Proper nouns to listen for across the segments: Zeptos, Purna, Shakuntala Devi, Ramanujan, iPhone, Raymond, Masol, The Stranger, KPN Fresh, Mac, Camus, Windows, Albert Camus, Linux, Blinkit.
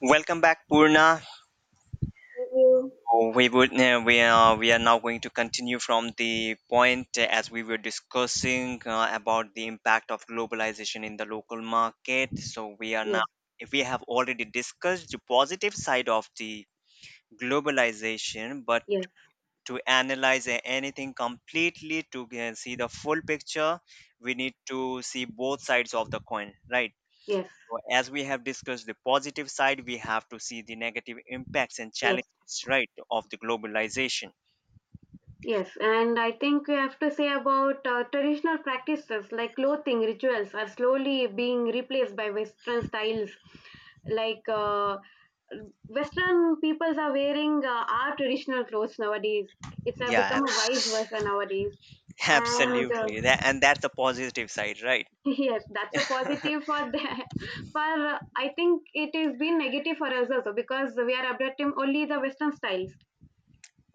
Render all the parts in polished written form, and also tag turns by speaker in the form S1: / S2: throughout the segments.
S1: Welcome back, Purna.
S2: You.
S1: Oh, We would we are now going to continue from the point as we were discussing about the impact of globalization in the local market. So we are now
S2: Yes,
S1: we have already discussed the positive side of the globalization, but
S2: yes,
S1: to analyze anything completely to see the full picture, we need to see both sides of the coin, right?
S2: yes,
S1: So as we have discussed the positive side, we have to see the negative impacts and
S2: yes,
S1: challenges, right, of the globalization.
S2: yes. And I think we have to say about traditional practices like clothing rituals are slowly being replaced by Western styles. Like uh, Western peoples are wearing our traditional clothes nowadays. It's
S1: Yeah,
S2: become a vice versa nowadays. And
S1: absolutely. That, and that's the positive side, right?
S2: yes, that's a positive for the for I think it has been negative for us also because we are adopting only the Western styles.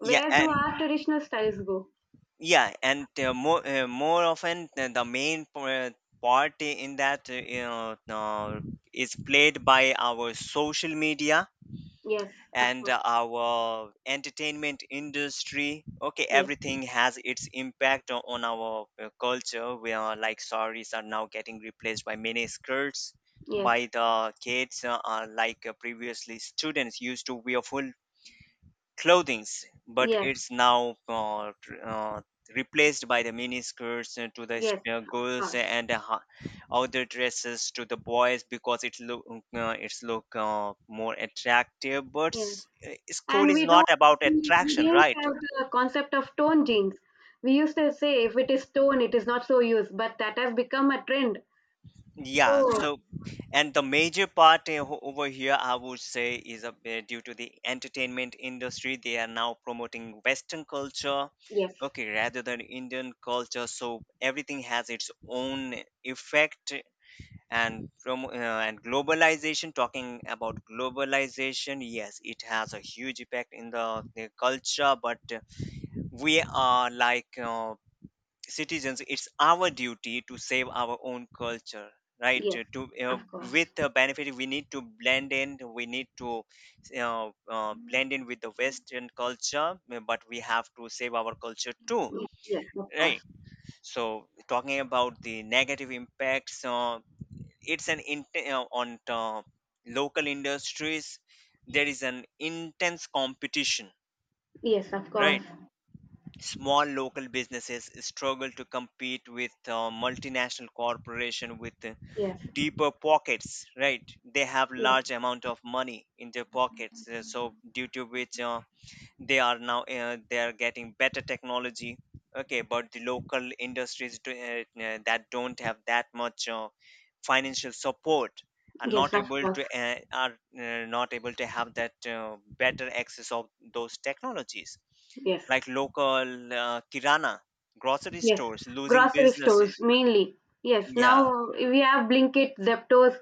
S1: yeah,
S2: do our
S1: and
S2: traditional styles go?
S1: yeah, and more more often the main part in that is played by our social media
S2: Yes, of
S1: and
S2: course.
S1: our entertainment industry. Okay,
S2: Yes,
S1: everything has its impact on our culture. Where like saris are now getting replaced by mini skirts
S2: yes,
S1: by the kids, like previously students used to wear full clothings, but
S2: yes,
S1: it's now replaced by the miniskirts to the
S2: yes, of
S1: girls
S2: course.
S1: and the outer dresses to the boys because it look, it's look more attractive, but
S2: Yes.
S1: school
S2: And
S1: is not about
S2: we
S1: attraction,
S2: didn't
S1: right?
S2: have the concept of tone jeans. We used to say if it is tone, it is not so used, but that has become a trend.
S1: Yeah,
S2: So,
S1: so and the major part, over here, I would say, is due to the entertainment industry. They are now promoting Western culture,
S2: yes,
S1: okay, rather than Indian culture. So everything has its own effect. And from uh, and globalization, talking about globalization, yes, it has a huge effect in the culture. But we are like. Citizens, it's our duty to save our own culture, right?
S2: yes,
S1: Uh,
S2: of course.
S1: with the benefit we need to blend in, we need to blend in with the western culture, but we have to save our culture too,
S2: Yes, of
S1: right?
S2: course.
S1: So talking about the negative impacts, it's on local industries there is an intense competition,
S2: Yes, of
S1: right?
S2: course.
S1: Small local businesses struggle to compete with multinational corporation with
S2: Yes,
S1: deeper pockets, right? They have
S2: yes,
S1: large amount of money in their pockets, so due to which they are now they are getting better technology. Okay, but the local industries that don't have that much financial support are
S2: yes,
S1: not
S2: of
S1: able
S2: course.
S1: to are not able to have that better access of those technologies,
S2: Yes.
S1: like local kirana grocery
S2: Yes,
S1: stores losing
S2: grocery
S1: businesses.
S2: stores mainly. Yes,
S1: Yeah.
S2: now we have Blinkit, Zeptos,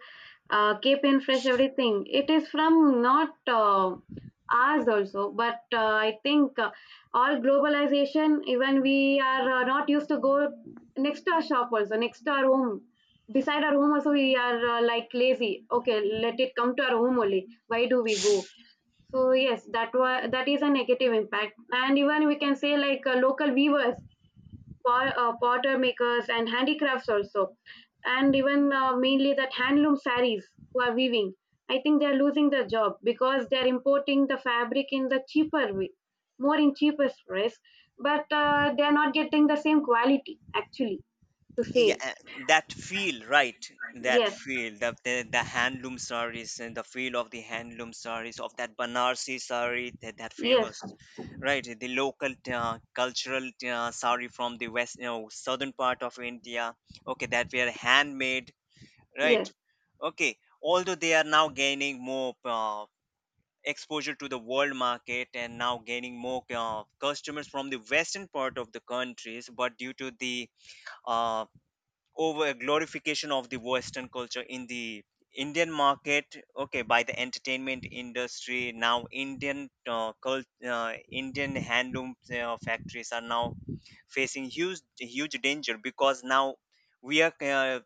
S2: KPN Fresh, everything. It is from not ours also, but I think all globalization, even we are not used to go next to our shop also, next to our home. Beside our home also, we are like lazy. Okay, let it come to our home only. Why do we go? So yes, that is a negative impact, and even we can say like local weavers potter makers and handicrafts also, and even mainly that handloom saris who are weaving. I think they are losing their job because they are importing the fabric in the cheaper way, more in cheapest price, but they are not getting the same quality actually to say.
S1: Yeah, that feel, right? That
S2: yes
S1: feel the handloom sarees and the feel of the handloom sarees of that banarsi saree, that
S2: yes
S1: famous, right? The local cultural saree from the west, you know, southern part of India. Okay, that were handmade, right?
S2: yes
S1: Okay, although they are now gaining more exposure to the world market and now gaining more customers from the western part of the countries, but due to the uh, over a glorification of the western culture in the Indian market, okay, by the entertainment industry, now Indian handloom factories are now facing huge huge danger, because now we are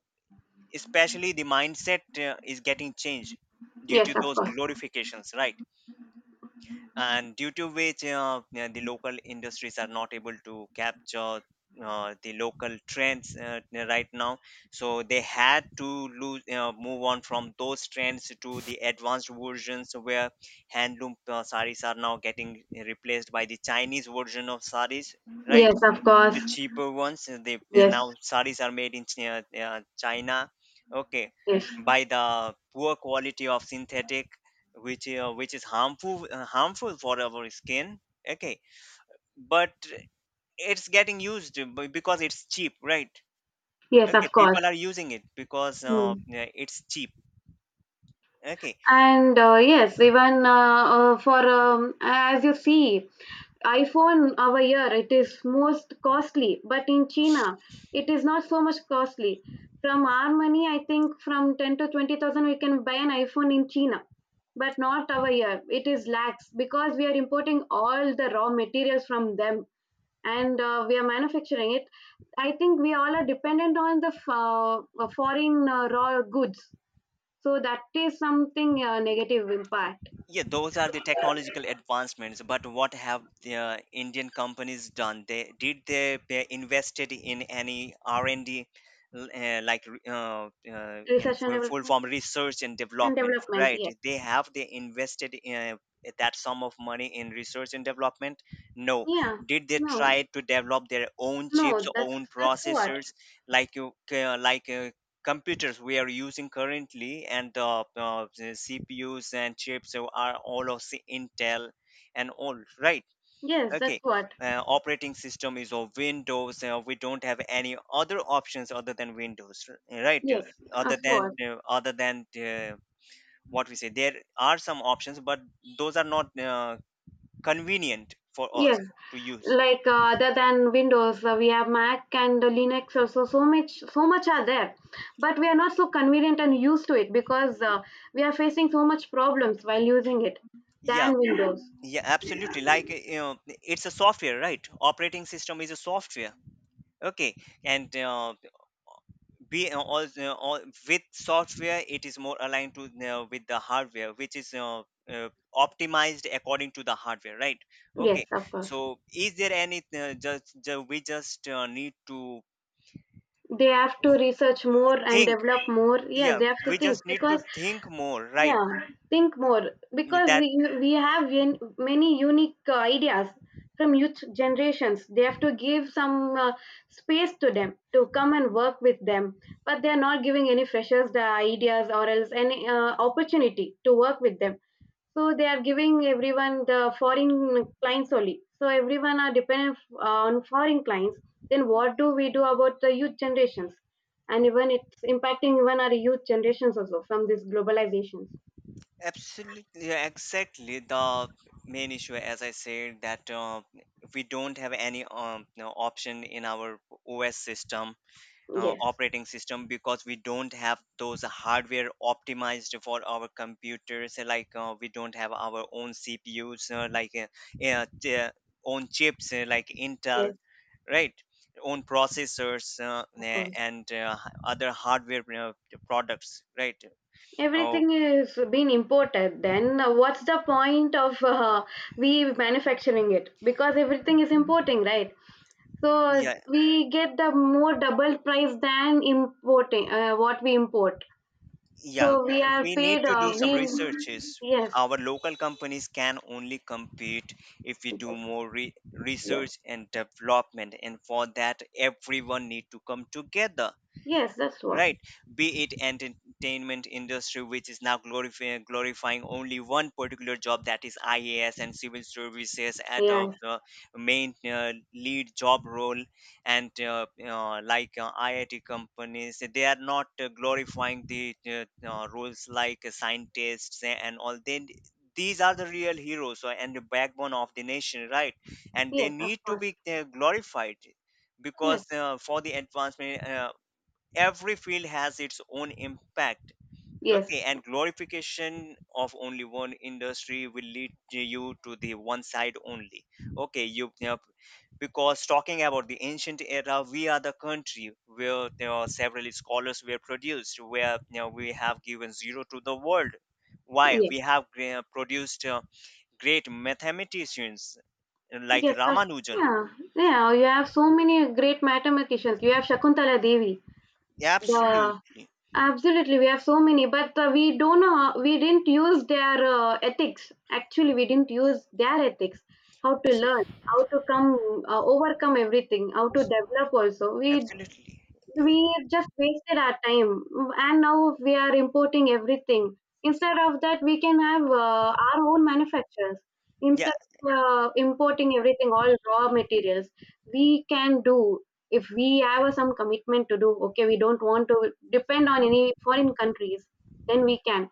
S1: especially the mindset is getting changed due
S2: yes
S1: to
S2: of
S1: those
S2: course.
S1: glorifications, right? And due to which, yeah, the local industries are not able to capture the local trends right now. So they had to lose move on from those trends to the advanced versions, where handloom saris are now getting replaced by the Chinese version of saris, right?
S2: Yes, of
S1: The
S2: course.
S1: cheaper ones. They're
S2: yes
S1: now saris are made in China. Okay,
S2: yes
S1: by the poor quality of synthetic, which is harmful, harmful for our skin. Okay, but it's getting used because it's cheap, right?
S2: yes
S1: Okay,
S2: of course.
S1: people are using it because,
S2: Mm.
S1: yeah, it's cheap. Okay.
S2: And yes, even for as you see, iPhone over here it is most costly, but in China it is not so much costly. From our money, I think from 10 to 20,000 we can buy an iPhone in China, but not over here. It is lakhs because we are importing all the raw materials from them and we are manufacturing it. I think we all are dependent on the foreign raw goods. So that is something negative impact,
S1: Yeah, those are the technological advancements. But what have the Indian companies done? They invested in any R&D, in
S2: recession
S1: full
S2: development
S1: form research and
S2: and
S1: development,
S2: development.
S1: right?
S2: Yes.
S1: They invested in that sum of money in research and development? No.
S2: Yeah.
S1: Did they try
S2: No.
S1: to develop their own
S2: No,
S1: chips,
S2: that's
S1: own
S2: that's what.
S1: processors, like computers we are using currently and the CPUs and chips, so are all of the Intel and all, right?
S2: Yes, that's
S1: Okay,
S2: what.
S1: operating system is of Windows. We don't have any other options other than Windows, right?
S2: Yes,
S1: Other
S2: of
S1: than
S2: course.
S1: other than, uh, what we say, there are some options, but those are not convenient for us
S2: Yes,
S1: to use.
S2: like other than Windows, we have Mac and Linux also. So much, so much are there, but we are not so convenient and used to it because we are facing so much problems while using it
S1: Yeah,
S2: than Windows.
S1: yeah, absolutely, like, you know, it's a software, right? Operating system is a software. Okay, and all with software it is more aligned to, with the hardware, which is uh, optimized according to the hardware, right?
S2: Yes,
S1: Okay,
S2: of course.
S1: so is there any we just need to
S2: They have to
S1: uh,
S2: research more and
S1: think.
S2: develop more. Yes,
S1: Yeah,
S2: they have to
S1: we
S2: think
S1: just need to
S2: because
S1: think more, right?
S2: yeah, think more because
S1: that
S2: we have many unique ideas from youth generations. They have to give some space to them to come and work with them, but they are not giving any freshers the ideas or else any opportunity to work with them. So they are giving everyone the foreign clients only. So everyone are dependent on foreign clients. Then what do we do about the youth generations? And even it's impacting even our youth generations also from this globalization.
S1: Absolutely, yeah, exactly. The main issue, as I said, that we don't have any you know, option in our OS system,
S2: Yes,
S1: operating system, because we don't have those hardware optimized for our computers, like we don't have our own CPUs, own chips, like Intel,
S2: yes,
S1: right? Own processors,
S2: of course.
S1: other hardware products, right? Oh,
S2: Everything is being imported. Then what's the point of we manufacturing it? Because everything is importing, right? So
S1: yeah.
S2: we get the more double price than importing what we import.
S1: Yeah,
S2: So we are
S1: we need
S2: paid.
S1: to do some
S2: We
S1: researches.
S2: yes,
S1: Our local companies can only compete if we do
S2: yes,
S1: more
S2: yes,
S1: research and development, and for that, everyone need to come together,
S2: yes. That's what.
S1: right? Be it entertainment industry, which is now glorifying, glorifying only one particular job, that is IAS and civil services at a
S2: Yes,
S1: main lead job role, and like IIT companies, they are not glorifying the roles like scientists and all. Then these are the real heroes, and the backbone of the nation, right? And they
S2: yes, of
S1: need to
S2: course.
S1: be glorified.
S2: Yes,
S1: Because, for the advancement, every field has its own impact.
S2: yes,
S1: Okay, and glorification of only one industry will lead to you to the one side only. Okay, you know, because talking about the ancient era, we are the country where there are several scholars were produced, where you know, we have given zero to the world. Why
S2: yes,
S1: we have produced great mathematicians like
S2: yes. Of,
S1: Ramanujan.
S2: yeah, yeah. You have so many great mathematicians. You have Shakuntala Devi. The
S1: Absolutely.
S2: absolutely. We have so many, but we don't know. How, we didn't use their ethics. Actually, we didn't use their ethics. How to
S1: So
S2: learn, how to come, overcome everything, how to develop also. We
S1: absolutely. Yeah,
S2: we just wasted our time, and now we are importing everything. Instead of that, we can have our own manufacturers instead of importing everything, all raw materials, we can do if we have some commitment to do. Okay, we don't want to depend on any foreign countries, then we can.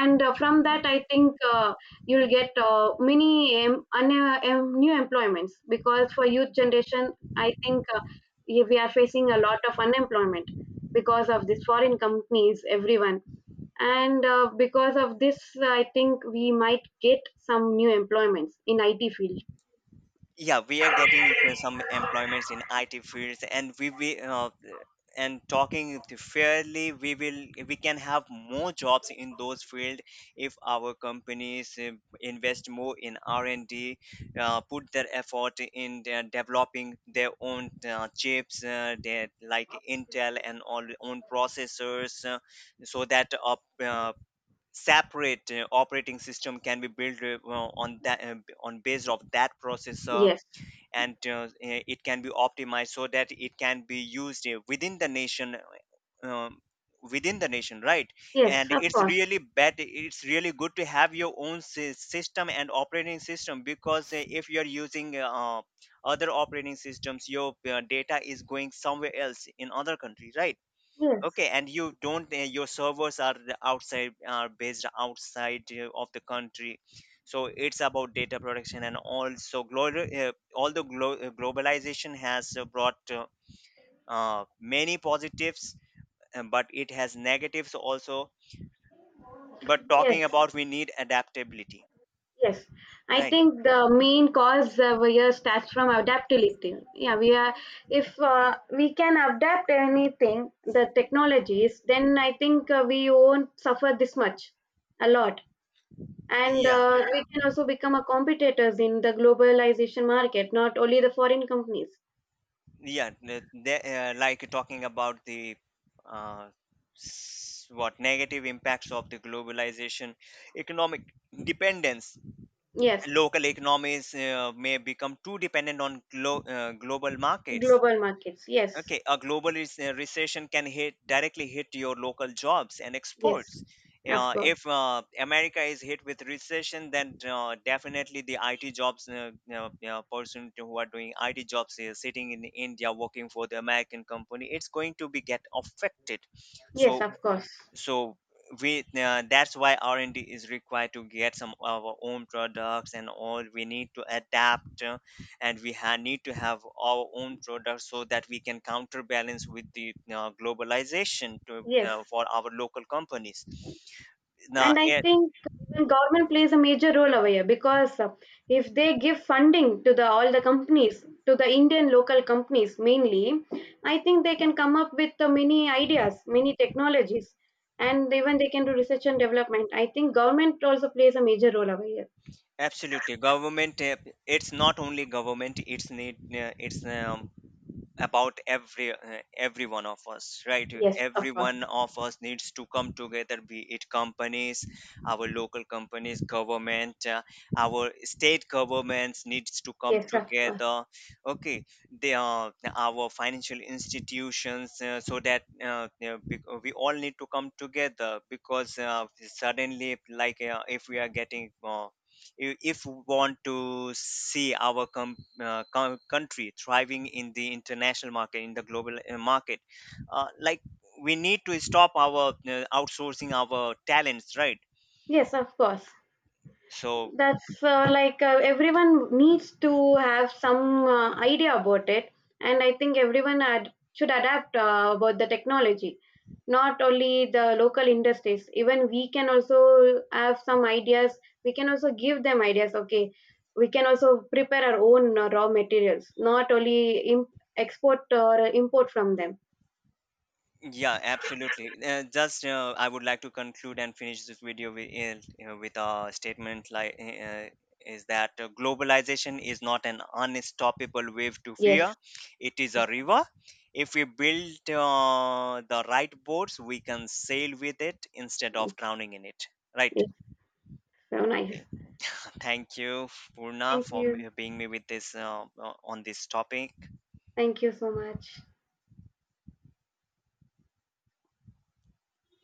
S2: And from that I think you'll get many new employments because for youth generation I think we are facing a lot of unemployment because of these foreign companies everyone. And because of this, I think we might get some new employments in IT field.
S1: yeah, we are getting some employments in IT fields, and we and talking to fairly, we will we can have more jobs in those fields if our companies invest more in R&D, put their effort in their developing their own chips, like Intel and all, own processors, so that up separate operating system can be built on that, on based of that processor.
S2: yes
S1: And it can be optimized so that it can be used, eh, within the nation, within the nation, right?
S2: yes
S1: And
S2: of course.
S1: it's really good to have your own system and operating system, because if you're using other operating systems, your data is going somewhere else in other country, right?
S2: yes
S1: Okay, and you don't, your servers are the outside, are based outside of the country. So it's about data protection, and also although globalization has brought many positives, but it has negatives also. But
S2: yes
S1: talking about, we need adaptability,
S2: Yes, I
S1: right?
S2: think the main cause we are starts from adaptability. Yeah, we are if we can adapt anything, the technologies, then I think we won't suffer this much, a lot, and
S1: Yeah,
S2: we can also become a competitors in the globalization market, not only the foreign companies.
S1: yeah. Like talking about the uh, what negative impacts of the globalization, economic dependence,
S2: Yes,
S1: local economies may become too dependent on global markets.
S2: global markets. Yes,
S1: Okay, a global recession can hit, directly hit your local jobs and exports.
S2: yes, of course.
S1: If America is hit with recession, then definitely the IT jobs, person to who are doing IT jobs sitting in India working for the American company, it's going to be get affected. So,
S2: Yes, of course.
S1: so we that's why R&D is required to get some of our own products, and all we need to adapt, and need to have our own products so that we can counterbalance with the globalization to,
S2: Yes.
S1: for our local companies. Now
S2: And I
S1: it,
S2: think even government plays a major role over here because if they give funding to the all the companies, to the Indian local companies mainly, I think they can come up with many ideas, many technologies, and even they can do research and development. I think government also plays a major role over here.
S1: absolutely, government, it's not only government, it's about every one of us, right?
S2: Yes,
S1: Every
S2: of course.
S1: one of us needs to come together, be it companies, our local companies, government, our state governments needs to come
S2: Yes, of course.
S1: together. Okay, they are our financial institutions, so that, you know, we all need to come together because, suddenly like, if we are getting, if we want to see our country thriving in the international market, in the global market, like, we need to stop our outsourcing our talents, right?
S2: Yes, of course.
S1: So.
S2: That's everyone needs to have some idea about it, and I think everyone should adapt about the technology. Not only the local industries, even we can also have some ideas. We can also give them ideas. Okay, we can also prepare our own raw materials, not only export or import from them.
S1: Yeah, absolutely. Just I would like to conclude and finish this video with, you know, with a statement like, is that globalization is not an unstoppable wave to
S2: Yes,
S1: fear. It is a river. If we build the right boats, we can sail with it instead of drowning in it. Right.
S2: it's so nice.
S1: Okay. Thank you, Purna,
S2: Thank
S1: for
S2: you.
S1: being me with this on this topic.
S2: Thank you so much.